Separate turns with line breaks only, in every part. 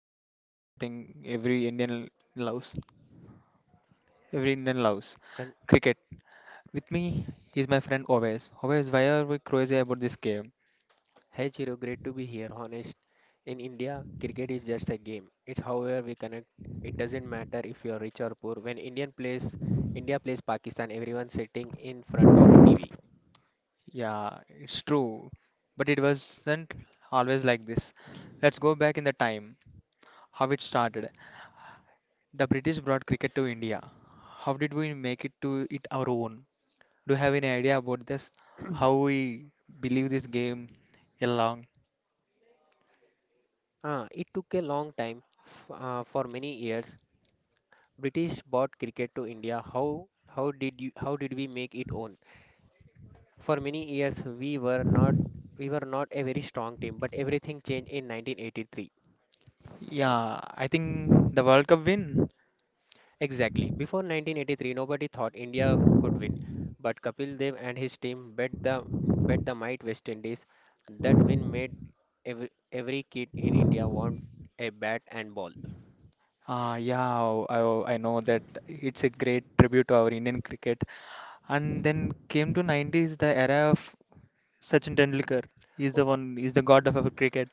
we're talking about something every Indian loves. Every Indian loves
Con-
cricket. With me is my friend Oves. Oves, why are we crazy about this game?
Hey Chiro, great to be here. Honest, in India, cricket is just a game. It's however we connect. It doesn't matter if you're rich or poor. When Indian plays, India plays Pakistan, everyone's sitting in front of TV.
Yeah, it's true, but it wasn't always like this. Let's go back in the time, how it started. The British brought cricket to India. How did we make it to it our own? Do you have any idea about this? How we believe this game along?
It took a long time, for many years. British brought cricket to India. How did we make it own? For many years, we were not a very strong team, but everything changed in 1983.
Yeah, I think the World Cup win.
Exactly. Before 1983, nobody thought India could win, but Kapil Dev and his team bet the might West Indies. That win made every kid in India want a bat and ball.
Yeah, I know that it's a great tribute to our Indian cricket. And then came to 90s, the era of Sachin Tendulkar. He's the one, he's the god of our cricket.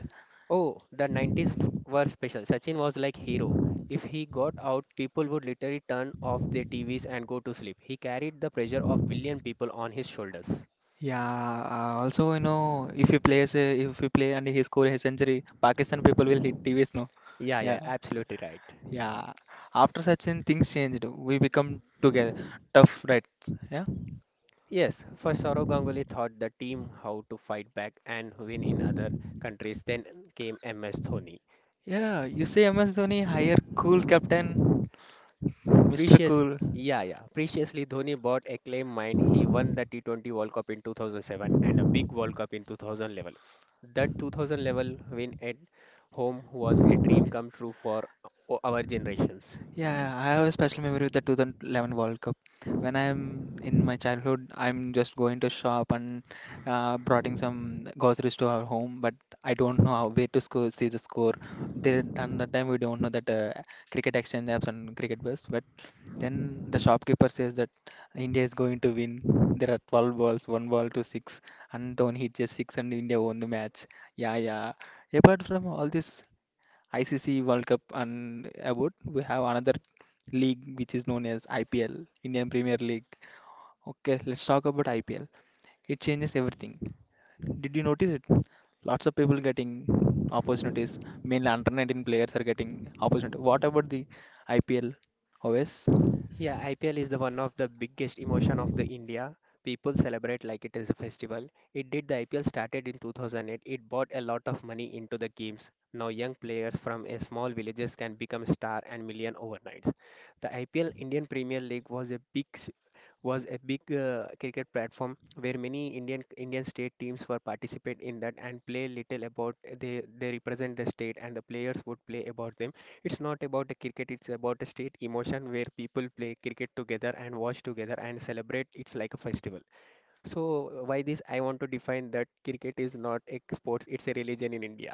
Oh, the 90s were special. Sachin was like hero. If he got out, people would literally turn off their TVs and go to sleep. He carried the pressure of billion people on his shoulders.
Yeah, also, if he plays, a, if he play and he score a century, Pakistan people will hit TVs, no?
Yeah,
Yeah,
yeah, absolutely right.
yeah. After Sachin, things changed. We become together. Tough, right? Yeah.
Yes, first Saurav Ganguly taught the team how to fight back and win in other countries. Then came MS Dhoni.
Yeah, you say MS Dhoni, hire cool captain. Mr.
Precious,
Cool.
yeah, yeah. Preciously, Dhoni bought a claim mind. He won the T20 World Cup in 2007 and a big World Cup in 2011. That 2000 level win at home was a dream come true for our generations.
Yeah, yeah, I have a special memory with the 2011 World Cup. When I'm in my childhood, I'm just going to shop and bringing some groceries to our home, but I don't know how where to score, see the score. There, at that time, we don't know that cricket exchange apps and cricket bus, but then the shopkeeper says that India is going to win. There are 12 balls, one ball to six, and Dhoni hit just six, and India won the match. Yeah, yeah. Apart from all this. ICC World Cup and about we have another league which is known as IPL, Indian Premier League. Okay, let's talk about IPL. It changes everything. Did you notice it? Lots of people getting opportunities. Mainly under 19 players are getting opportunity. What about the IPL? Always?
Yeah, IPL is the one of the biggest emotion of the India. People celebrate like it is a festival. It did the IPL started in 2008. It bought a lot of money into the games. Now young players from a small villages can become star and million overnights. The IPL Indian Premier League was a big cricket platform where many Indian state teams were participate in that and play little about they represent the state and the players would play about them. It's not about a cricket; it's about a state emotion where people play cricket together and watch together and celebrate. It's like a festival. So why this? I want to define that cricket is not a sports; it's a religion in India.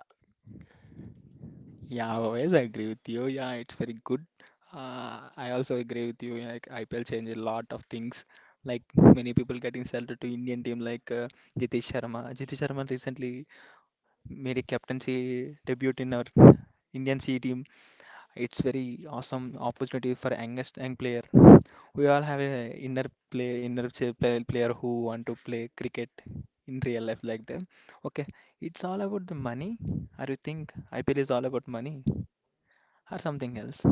Yeah, always. I agree with you. Yeah, it's very good. I also agree with you. Like IPL changed a lot of things. Like many people getting selected to Indian team, like Jitesh Sharma. Jitesh Sharma recently made a captaincy debut in our Indian C team. It's very awesome opportunity for youngest young player. We all have a inner play inner ch- play- player who want to play cricket in real life like them. Okay, it's all about the money. Or you think IPL is all about money or something else?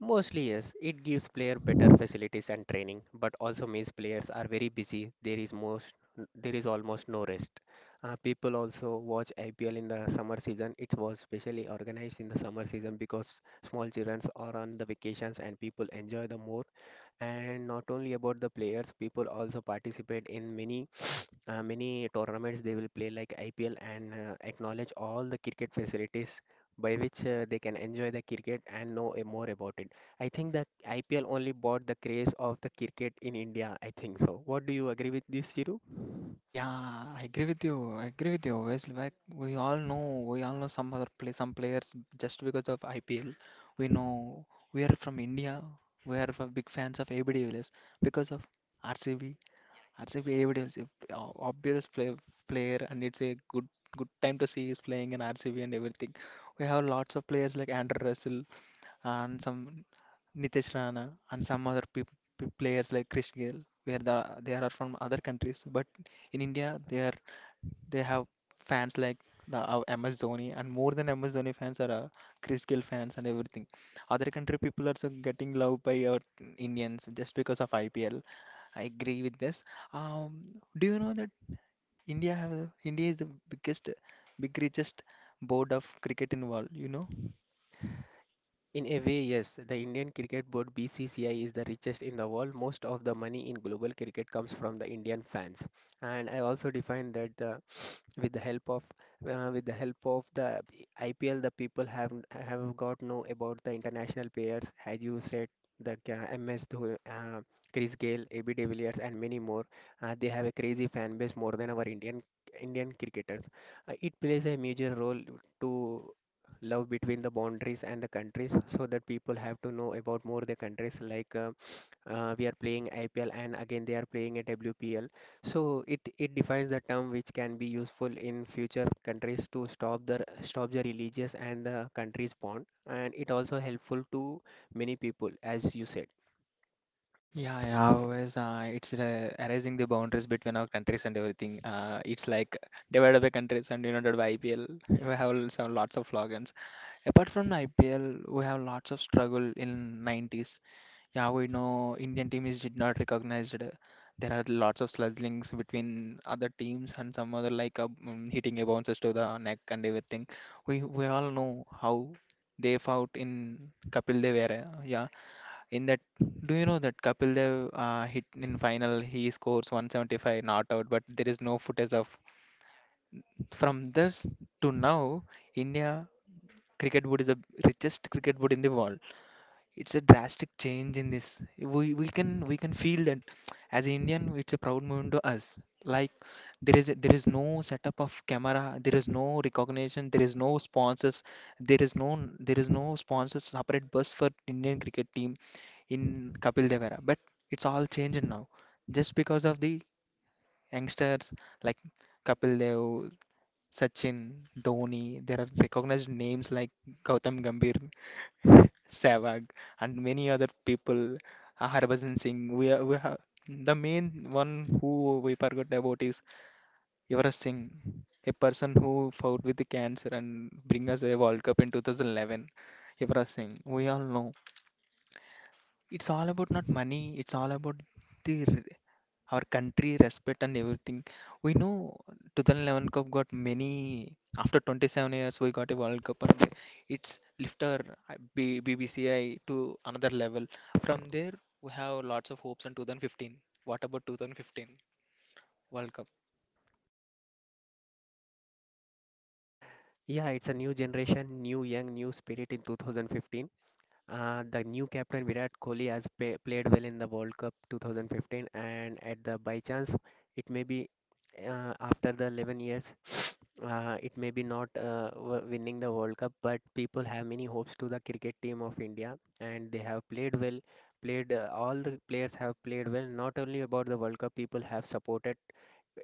Mostly, yes. It gives player better facilities and training, but also means players are very busy. There is almost no rest. People also watch IPL in the summer season. It was specially organized in the summer season because small children are on the vacations and people enjoy the more. And not only about the players, people also participate in many tournaments they will play like IPL and acknowledge all the cricket facilities by which they can enjoy the cricket and know more about it. I think the IPL only bought the craze of the cricket in India. I think so. What do you agree with this, Chiru?
Yeah, I agree with you. I agree with you. Obviously, like we all know some players just because of IPL. We know we are from India. We are from big fans of ABD Villiers because of RCB. R C B A B D RCB Villiers, is a obvious player, and it's a good time to see is playing in RCB and everything. We have lots of players like Andrew Russell and some Nitesh Rana and some other players like Krish Gayle, where they are from other countries, but in India, they have fans like our MS Dhoni, and more than MS Dhoni fans are Chris Gill fans and everything. Other country people are so getting loved by our Indians just because of IPL. I agree with this. Um, do you know that India is the big richest board of cricket in world? You know?
In a way, yes. The Indian Cricket Board BCCI is the richest in the world. Most of the money in global cricket comes from the Indian fans. And I also defined that the with the help of with the help of the IPL, the people have got know about the international players, as you said, the MS Dhoni, Chris Gayle, AB de Villiers, and many more. They have a crazy fan base more than our Indian cricketers. It plays a major role to love between the boundaries and the countries, so that people have to know about more the countries like. We are playing IPL and again they are playing a WPL. So it defines the term which can be useful in future countries to stop the religious and the country's bond, and it also helpful to many people, as you said.
Yeah, yeah, always. It's erasing the boundaries between our countries and everything. It's like divided by countries and united by IPL. We have some lots of slogans. Apart from the IPL, we have lots of struggle in 90s. Yeah, we know Indian team is did not recognized. There are lots of sludgings between other teams and some other like hitting a bounces to the neck and everything. We all know how they fought in Kapil Dev era. Yeah, in that, do you know that Kapil Dev hit in final? He scores 175 not out, but there is no footage of. From this to now, India cricket board is the richest cricket board in the world. It's a drastic change in this. We can feel that as an Indian, it's a proud moment to us. Like there is no setup of camera, there is no recognition, there is no sponsors, there is no sponsors separate bus for Indian cricket team in Kapil Dev era. But it's all changed now, just because of the youngsters like Kapil Dev, Sachin, Dhoni. There are recognized names like Gautam Gambhir. Sehwag, and many other people. Harbhajan Singh. We have the main one who we forgot about is Yuvraj Singh, a person who fought with the cancer and bring us a World Cup in 2011. Yuvraj Singh. We all know it's all about not money. It's all about the r- our country respect and everything. We know 2011 Cup got many. After 27 years, we got a World Cup, and it's lifted our BBCI to another level. From there, we have lots of hopes on 2015. What about 2015 World Cup?
Yeah, it's a new generation, new young, new spirit in 2015. The new captain Virat Kohli has played well in the World Cup 2015, and at the by chance, it may be after the 11 years. It may be not winning the World Cup, but people have many hopes to the cricket team of India, and they have played well. Played All the players have played well. Not only about the World Cup, people have supported,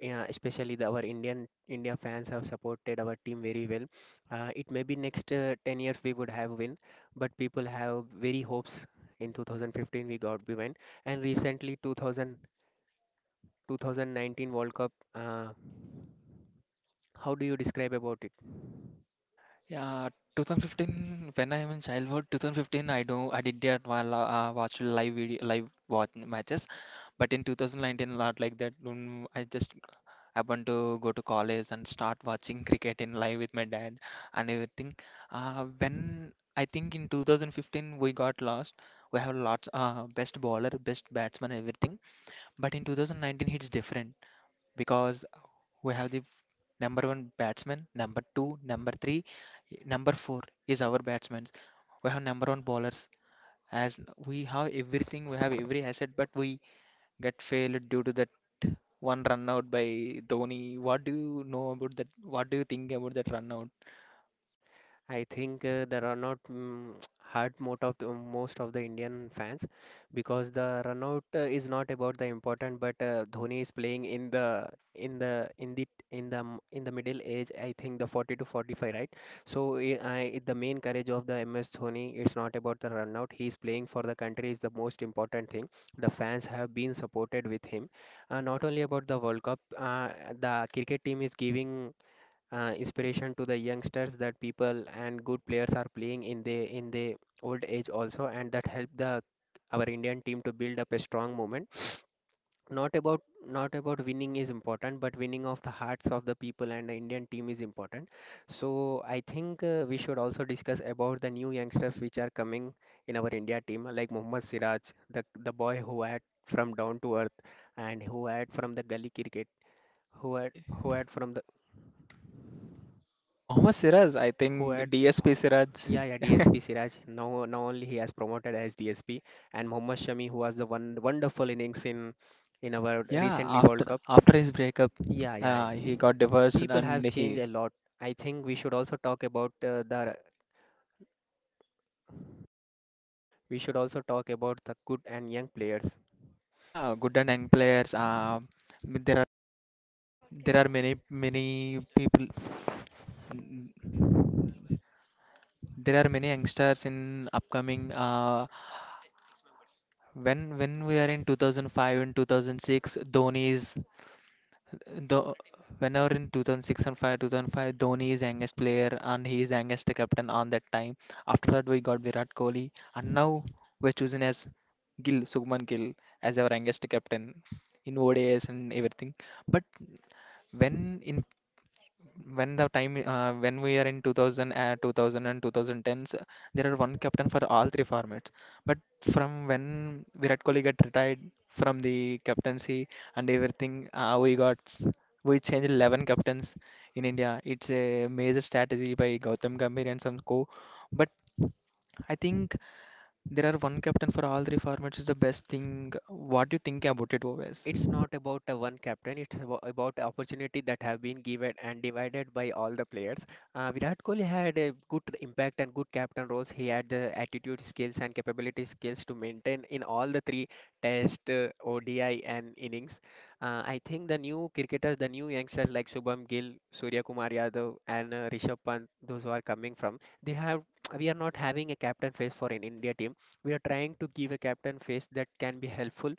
especially our Indian India fans have supported our team very well. It may be next 10 years we would have win, but people have very hopes. In 2015 we got we win, and recently 2000 2019 World Cup. How do you describe about it?
Yeah, 2015 when I'm in childhood, 2015 I don't I did that while watch live video live watch matches, but in 2019 not like that. I just happened to go to college and start watching cricket in live with my dad and everything. When I think in 2015 we got lost. We have lots best bowler, best batsman, everything. But in 2019 it's different because we have the number one batsman, number two, number three, number four is our batsmen. We have number one bowlers. As we have everything, we have every asset, but we get failed due to that one run out by Dhoni. What do you know about that? What do you think about that run out?
I think the runout hurt most of the Indian fans because the runout is not about the important, but Dhoni is playing in the in the in the in the m- in the middle age. I think the 40 to 45, right? So I the main courage of the MS Dhoni is not about the run out. He is playing for the country is the most important thing. The fans have been supported with him. Not only about the World Cup, the cricket team is giving inspiration to the youngsters that people and good players are playing in the old age also and that help the our Indian team to build up a strong moment. Not about not about winning is important, but winning of the hearts of the people and the Indian team is important. So I think we should also discuss about the new youngsters which are coming in our India team, like Mohammad Siraj, the boy who had from down to earth and who had from the gully cricket, who had who had from the
Mohammad Siraj, I
who
think
had
DSP Siraj.
Yeah, yeah, DSP Siraj. Now only he has promoted as DSP, and Mohammad Shami, who was the one wonderful innings in our
Yeah,
recently World
after
Cup.
after his breakup,
Yeah, yeah, yeah.
he got divorced
People have
and
changed
he
a lot. I think we should also talk about the we should also talk about the good and young players.
yeah, good and young players. There are many people. There are many youngsters in upcoming. When we are in 2005 and 2006, Dhoni is the whenever in 2006 and 5 2005 Dhoni is youngest player and he is youngest captain on that time after that we got Virat Kohli and now we're choosing as Gill Sugman Gill as our youngest captain in ODIs and everything but when in when the time when we are in 2000 and 2010s there are one captain for all three formats but from when virat kohli got retired from the captaincy and everything uh, we got s- we changed 11 captains in india. It's a major strategy by gautam gambhir and some co but I think there are one captain for all three formats is the best thing. What do you think about it, Oves?
It's not about a one captain, it's about the opportunity that have been given and divided by all the players. Virat Kohli had a good impact and good captain roles, he had the attitude skills and capability skills to maintain in all the three test, ODI and innings. I think the new youngsters like Shubham Gill, Surya Kumar Yadav and Rishabh Pant, those who are coming from they have we are not having a captain face for an India team, we are trying to give a captain face that can be helpful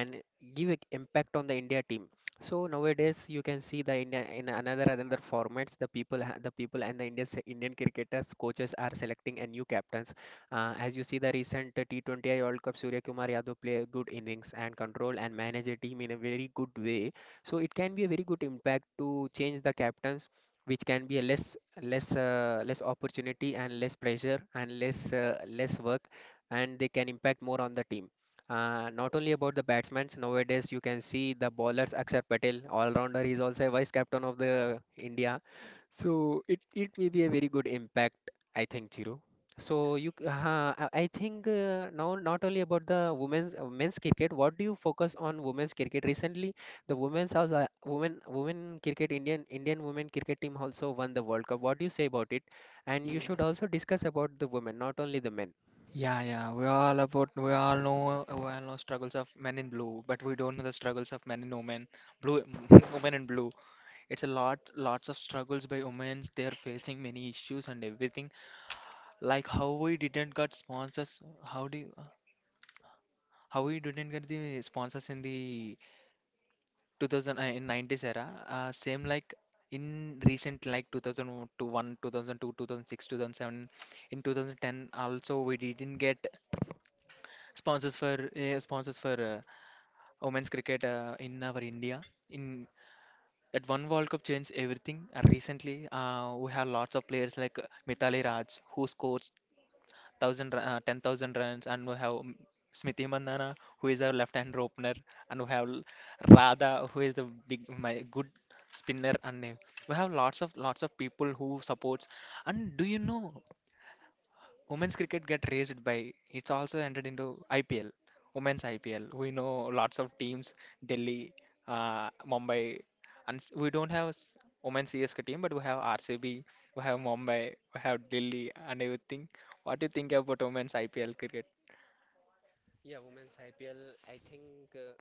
and give a impact on the India team. So nowadays you can see the India in another formats, the people and the Indian cricketers coaches are selecting a new captains. As you see the recent T20I World Cup, Surya Kumar Yadav play a good innings and control and manage a team in a very good way. So it can be a very good impact to change the captains, which can be a less opportunity and less pressure and less work, and they can impact more on the team. Not only about the batsmen, nowadays you can see the bowlers Akshar Patel, all-rounder. He's also a vice captain of the India, so it may be a very good impact, I think, Chiru. So you, c- I think now not only about the women's men's cricket. What do you focus on women's cricket recently? The women cricket Indian women cricket team also won the World Cup. What do you say about it? And you should also discuss about the women, not only the men.
Yeah, yeah. We all know struggles of men in blue, but we don't know the struggles of men and women. Blue Women in blue. It's a lots of struggles by women. They're facing many issues and everything. Like how we didn't got sponsors. How do you, how we didn't get the sponsors in the 2000 uh, in 90s era? Same like in recent like 2001, 2002, 2006, 2007, in 2010 also we didn't get sponsors for women's cricket in our India. In that one World Cup changed everything. Recently, we have lots of players like Mithali Raj who scores 10,000 runs, and we have Smriti Mandhana who is our left-hand opener, and we have Radha who is a my good spinner, and we have lots of people who supports. And do you know women's cricket get raised by it's also entered into IPL, women's IPL. We know lots of teams, Delhi, Mumbai, and s- we don't have s- women's CSK team, but we have RCB, we have Mumbai, we have Delhi, and everything. What do you think about women's IPL cricket?
Yeah, women's IPL, I think.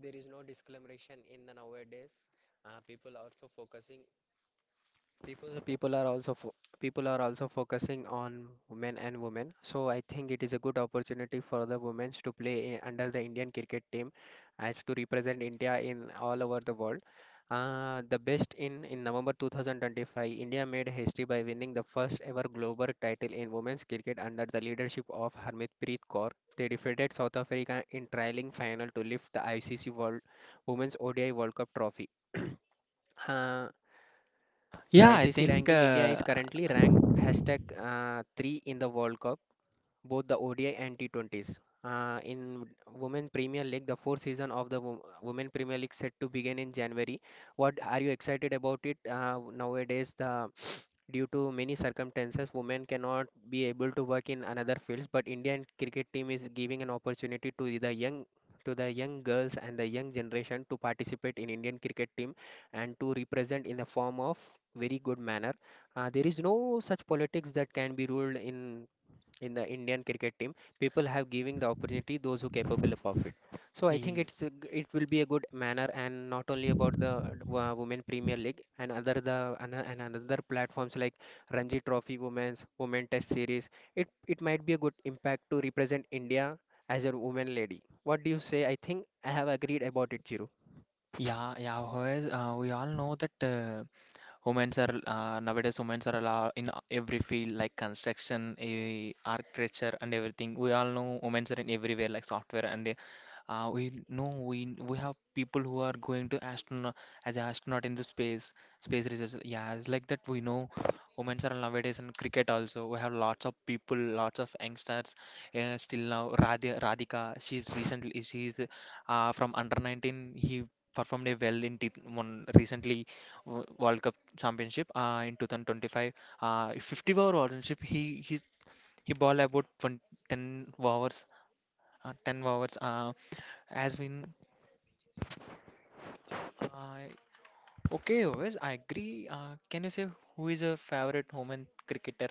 There is no discrimination in the nowadays people are so focusing. People, people are also fo- people are also focusing on men and women. So I think it is a good opportunity for the women to play under the Indian cricket team, as to represent India in all over the world. The best in November 2025, India made history by winning the first ever global title in women's cricket under the leadership of Harmanpreet Kaur. They defeated South Africa in trialing final to lift the ICC World Women's ODI World Cup trophy. Uh, the
Yeah, I
ICC
think
ranking, India is currently ranked hashtag 3 in the World Cup, both the ODI and T20s. In Women Premier League, the fourth season of the Women Premier League set to begin in January. What are you excited about it nowadays? The Due to many circumstances, women cannot be able to work in another fields, but Indian cricket team is giving an opportunity to the young girls and the young generation to participate in Indian cricket team and to represent in the form of very good manner. There is no such politics that can be ruled in the Indian cricket team, people have giving the opportunity those who capable of it. So I think
y-
it will be a good manner and not only about the Women Premier League and other and another platforms like Ranji Trophy Women Test Series. It might be a good impact to represent India as a woman lady. What do you say? I think I have agreed about it, Chiru.
yeah, yeah, whereas, we all know that women's are nowadays women's are allo- in every field like construction, eh, architecture, and everything. We all know women's are in everywhere like software and we know we have people who are going to astronaut as an astronaut into space, space research. Yeah, it's like that. We know women are nowadays in cricket also. We have lots of people, lots of youngsters. Still now, Radhika, she's from under 19. He performed a well in t one recently wo- World Cup championship in 2025. 50 over championship. He ball about 20, 10 overs. 10 overs as win I okay, Ovis. I agree. Can you say who is your favorite woman cricketer?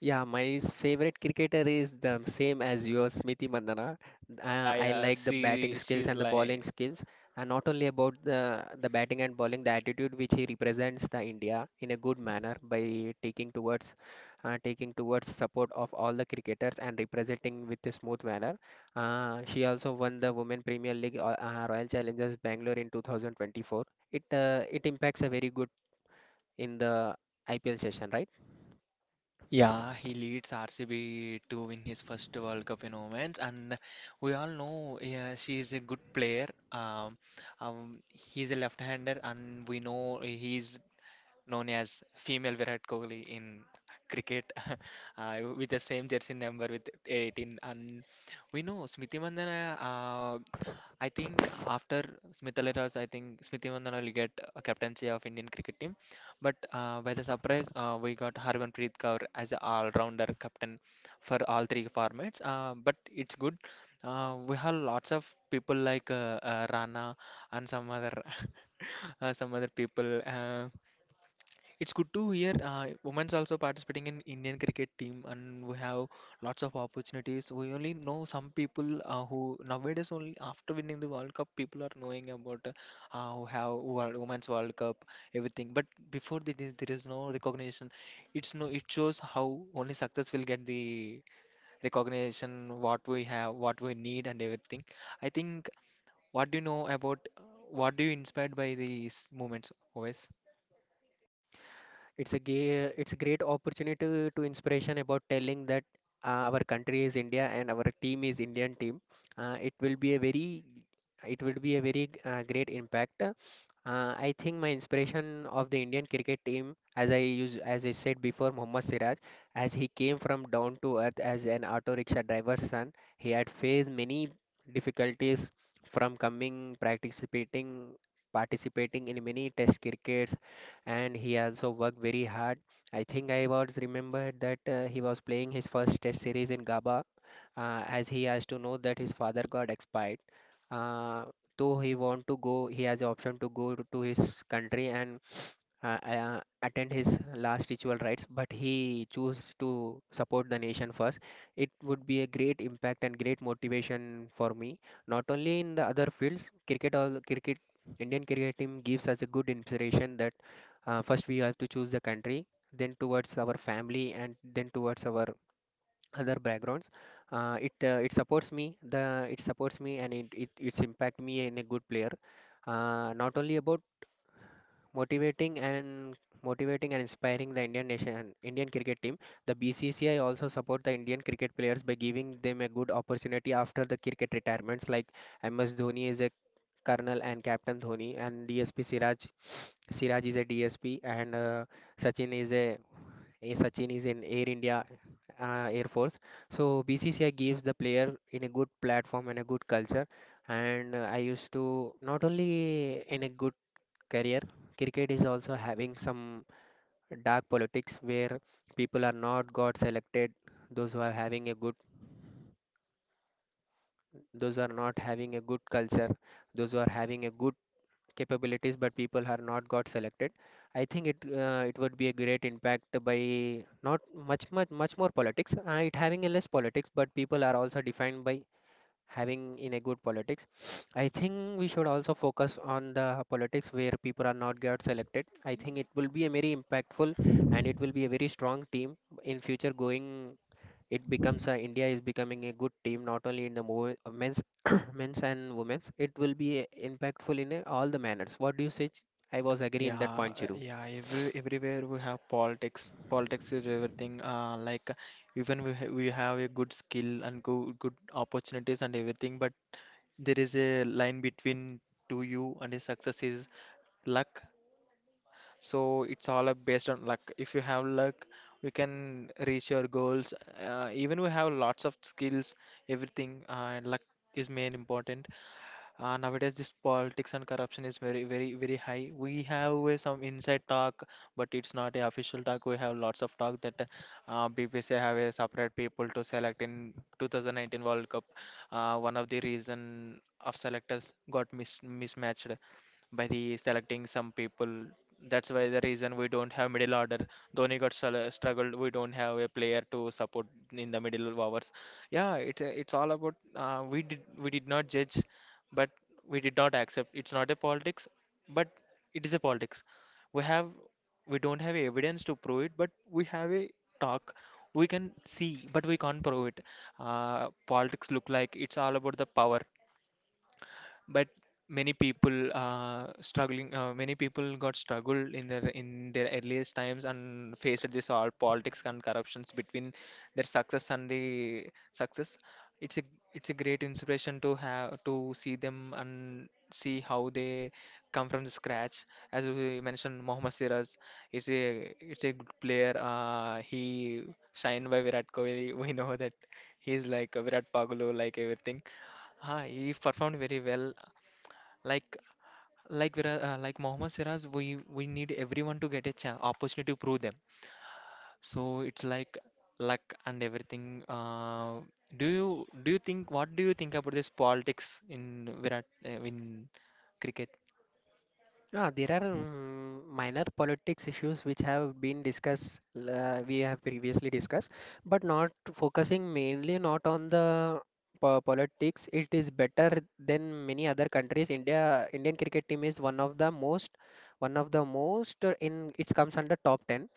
Yeah, my favorite cricketer is the same as yours, Smriti Mandhana.
Yeah,
I
yeah.
like the batting
She
skills
she's
and the bowling
like
skills, and not only about the batting and bowling, the attitude which he represents the India in a good manner by taking towards support of all the cricketers and representing with a smooth manner. She also won the Women Premier League Royal Challengers Bangalore in 2024. It impacts a very good in the IPL session, right?
yeah, he leads RCB to win his first World Cup in Women's, and we all know yeah, she is a good player. He's a left-hander, and we know he's known as female Virat Kohli in cricket, with the same jersey number with 18. And we know Smriti Mandhana. I think after Smita Raj, I think Smriti Mandhana will get a captaincy of Indian cricket team. But by the surprise, we got Harmanpreet Kaur as an all-rounder captain for all three formats. But it's good. We have lots of people like Rana and some other some other people. It's good to hear women's also participating in Indian cricket team, and we have lots of opportunities. We only know some people who nowadays only after winning the World Cup, people are knowing about who have World, women's World Cup, everything. But before that, there is no recognition. It's no. It shows how only success will get the recognition, what we have, what we need, and everything. I think. What do you know about? What do you inspired by these movements, OS?
It's a great opportunity to inspiration about telling that our country is India and our team is Indian team. Uh, it will be a very, it will be a very great impact. I think my inspiration of the Indian cricket team, as I use, as I said before, Mohammad Siraj, as he came from down to earth as an auto rickshaw driver's son, he had faced many difficulties from coming participating in many test crickets, and he also worked very hard. I think I was remembered that he was playing his first test series in GABA as he has to know that his father got expired. Uh, though he want to go, he has the option to go to his country and attend his last ritual rites, but he chose to support the nation first. It would be a great impact and great motivation for me, not only in the other fields. Cricket, all cricket, Indian cricket team gives us a good inspiration that first we have to choose the country, then towards our family, and then towards our other backgrounds. It supports me. The It supports me and it it's impact me in a good player. Not only about motivating and motivating and inspiring the Indian cricket team. The BCCI also support the Indian cricket players by giving them a good opportunity after the cricket retirements like MS Dhoni is a colonel and captain Dhoni, and DSP Siraj is a DSP, and Sachin is a Sachin is in Air India Air Force. So BCCI gives the player in a good platform and a good culture, and I used to not only in a good career. Cricket is also having some dark politics where people are not got selected, those who are having a good, those who are not having a good culture, those who are having a good capabilities, but people are not got selected. I think it would be a great impact by not much more politics. It having a less politics, but people are also defined by having in a good politics. I think we should also focus on the politics where people are not get selected. I think it will be a very impactful, and it will be a very strong team in future going. It becomes a, India is becoming a good team not only in the men's men's and women's. It will be impactful in a, all the manners. What do you say? I was agree in
Yeah,
that point, Chiru.
yeah. Everywhere we have politics. Politics is everything. Like even we have a good skill and good opportunities and everything, but there is a line between to you and the success is luck. So it's all up based on luck. If you have luck, we can reach your goals. Even we have lots of skills, everything. Luck is main important. Nowadays this politics and corruption is very high. We have some inside talk, but it's not a official talk. We have lots of talk that bbc have a separate people to select in 2019 world cup. One of the reason of selectors got mismatched by the selecting some people. That's why the reason we don't have middle order. Dhoni got struggled. We don't have a player to support in the middle overs. Yeah, it's all about we did not judge, but we did not accept it's not a politics, but it is a politics. We have, we don't have evidence to prove it, but we have a talk. We can see but we can't prove it. Politics look like it's all about the power, but many people struggling. Many people got struggled in their earliest times and faced this all politics and corruptions between their success and the success. It's a, it's a great inspiration to have to see them and see how they come from the scratch. As we mentioned Mohammad Siraj is a, it's a good player. He signed by Virat Kohli. We know that he's like a Virat Pagulu like everything. Ah, he performed very well, like like like Mohammad Siraj, we need everyone to get a chance, opportunity to prove them. So it's like luck and everything. Do you think What do you think about this politics in Virat in cricket?
Yeah, there are minor politics issues which have been discussed, we have previously discussed, but not focusing mainly not on the politics. It is better than many other countries. India, Indian cricket team is one of the most, one of the most in it comes under top 10,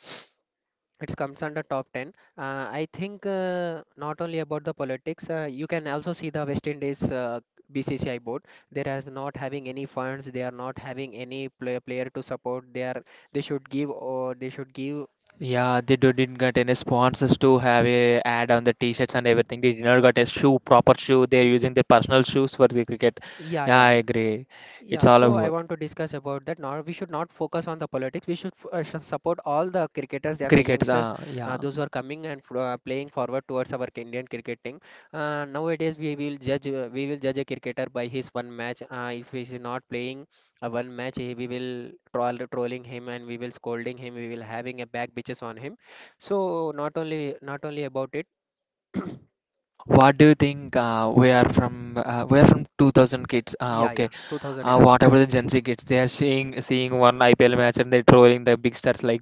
I think not only about the politics, you can also see the West Indies BCCI board. They are not having any funds. They are not having any player to support. They are they should give or they should give.
Yeah, they do, didn't get any sponsors to have a ad on the t-shirts and everything. They did not got a shoe, proper shoe. They're using their personal shoes for the cricket.
Yeah,
Yeah,
yeah,
I
yeah.
agree. It's
Yeah,
all
so I
about
want to discuss about that. Now we should not focus on the politics. We should support all the cricketers and the
cricket.
youngsters,
Yeah.
those who are coming and playing forward towards our Indian cricket team. Nowadays, we will judge a cricketer by his one match. If he is not playing one match, we will trolling him, and we will scolding him. We will having a back bitches on him. So not only about it.
What do you think? We are from 2000 kids.
Yeah,
Okay.
yeah, 2000 era.
Whatever the Gen Z kids, they are seeing one IPL match and they're trolling the big stars like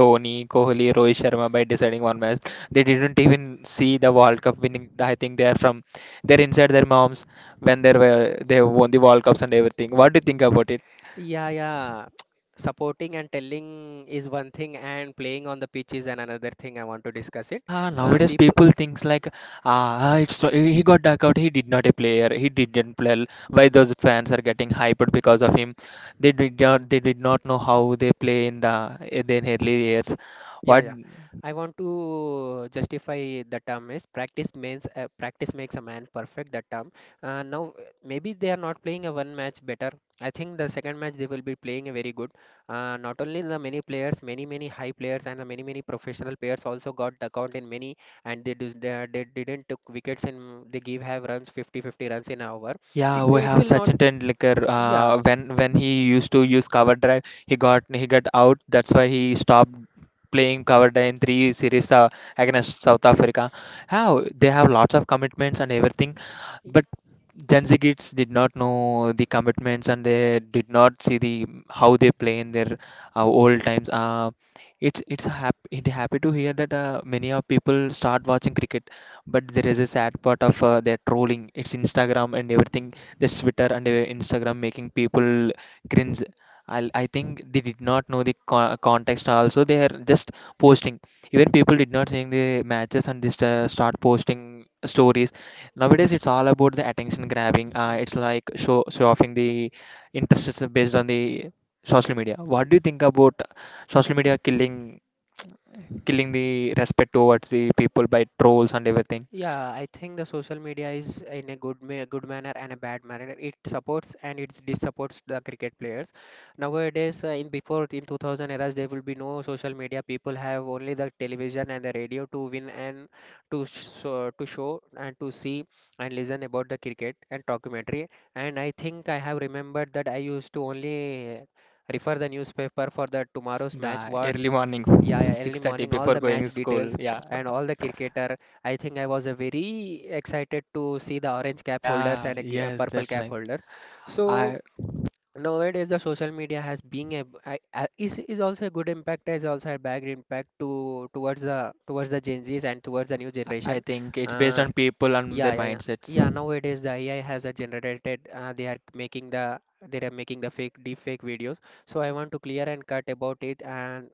Dhoni, Kohli, Rohit Sharma by deciding one match. They didn't even see the World Cup winning. I think they are from, they're inside their moms when they were they won the World Cups and everything. What do you think about it?
Yeah, yeah. Supporting and telling is one thing, and playing on the pitch is an another thing. I want to discuss it.
Yeah,
Uh,
nowadays
people,
people thinks like, ah, he got duck out. He did not a player. He didn't play. Why those fans are getting hyped because of him? They did not. They did not know how they play in the in their early years.
Yeah,
What?
yeah. I want to justify the term is practice means practice makes a man perfect. The term. Now maybe they are not playing a one match better. I think the second match they will be playing a very good. Not only the many players, many high players and the many professional players also got dug out in many, and they didn't took wickets, and they give have runs 50 runs in an over.
Yeah,
It
we
it
have
will not.
Sachin Tendulkar.
Yeah.
When he used to use cover drive, he got out. That's why he stopped playing cover drive in three series against South Africa. How they have lots of commitments and everything, but Gen Z kids did not know the commitments and they did not see the how they play in their old times. It happy to hear that many of people start watching cricket, but there is a sad part of their trolling. It's instagram and everything, this twitter and instagram making people cringe. I think they did not know the context also. They are just posting. Even people did not seeing the matches and just start posting stories. Nowadays it's all about the attention grabbing. It's like show offing the interests based on the social media. What do you think about social media killing the respect towards the people by trolls and everything?
Yeah, I think the social media is in a good manner and a bad manner. It supports and it dissupports the cricket players. Nowadays, in before in 2000 eras, there will be no social media. People have only the television and the radio to win and to to show and to see and listen about the cricket and documentary. And I think I have remembered that I used to only refer the newspaper for the tomorrow's match,
The
what
early morning,
yeah, yeah, early
6:30
morning, all
before
the match
going school.
details
Yeah.
and all the cricketer. I think I was very excited to see the orange cap holders
Yeah,
and
yes,
purple
that's
cap
like
holders. So
I,
nowadays, the social media has been a, b- I- a- is also a good impact, is also a bad impact to towards the Gen Zs and towards the new generation.
think it's based
Uh,
on people and their
yeah, yeah, yeah.
mindsets.
Yeah, nowadays the AI has a generated they are making they are making the fake deep fake videos. So I want to clear and cut about it, and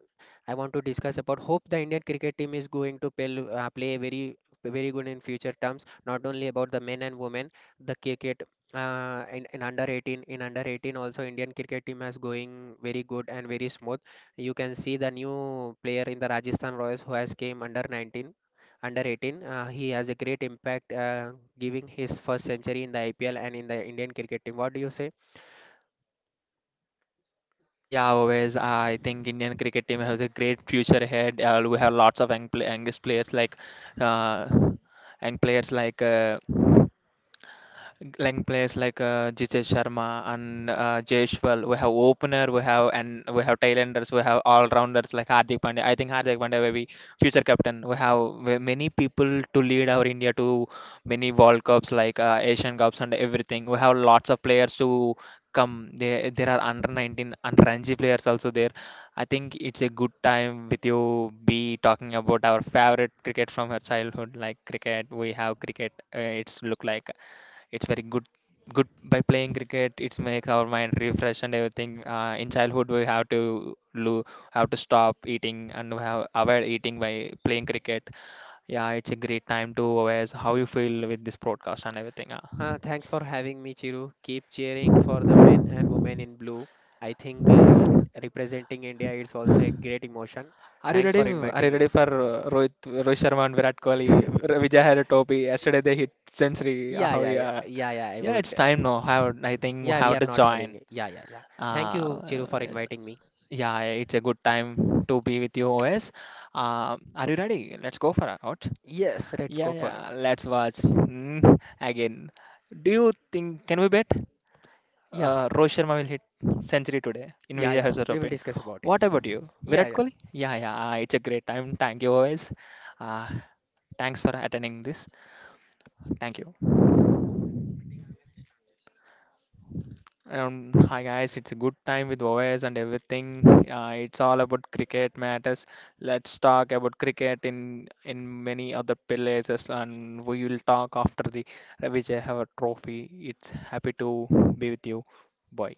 I want to discuss about hope the Indian cricket team is going to play, play very very good in future terms, not only about the men and women the cricket in under 18, also Indian cricket team has going very good and very smooth. You can see the new player in the Rajasthan Royals who has came under 19, under 18. He has a great impact, giving his first century in the IPL and in the Indian cricket team. What do you say?
Yeah, always I think Indian cricket team has a great future ahead. We have lots of youngest players like uh, young players like players like Jitesh Sharma and Jaishwal. We have opener, we have, and we have tailenders, we have all rounders like Hardik Pandya. I think Hardik Pandya will be future captain. We have, many people to lead our India to many World Cups like Asian Cups and everything. We have lots of players to come. There are under 19, under Ranji players also there. I think it's a good time with you be talking about our favorite cricket from her childhood, like cricket. We have cricket. It's look like it's very good. By playing cricket it's make our mind refresh and everything. In childhood we have to have to stop eating and we have avoid eating by playing cricket. Yeah, it's a great time to awareness how you feel with this broadcast and everything.
Thanks for having me, Chiru. Keep cheering for the men and women in blue. I think representing India is also a great emotion.
Are you
Thanks
ready?
for
Are you
inviting me.
ready for rohit sharma and virat kohli? Vijay Haratopi? Yesterday they hit century.
Yeah,
How?
yeah, yeah,
Yeah,
yeah, yeah. I
yeah,
would.
it's time now. How? I think
Yeah,
how
we are
to
not
join.
having it. Yeah, yeah, yeah. Thank
uh,
you, Chiru, for inviting me.
Yeah, it's a good time to be with you, OS. Are you ready? Let's go for a out.
Yes, let's
Yeah,
go for
yeah,
it.
let's watch. Hmm, again. Do you think, can we bet?
Yeah,
Rohit Sharma will hit century today in
yeah,
Vijay
yeah. We will
Hazare.
discuss about it.
What about you?
Yeah,
Virat
yeah.
Kohli? Yeah, yeah, it's a great time. Thank you, OS. Uh, Thanks for attending this. Thank you. Hi guys, it's a good time with OS and everything. It's all about cricket matters. Let's talk about cricket in many other places, and we will talk after the Vijay have a trophy. It's happy to be with you. Bye.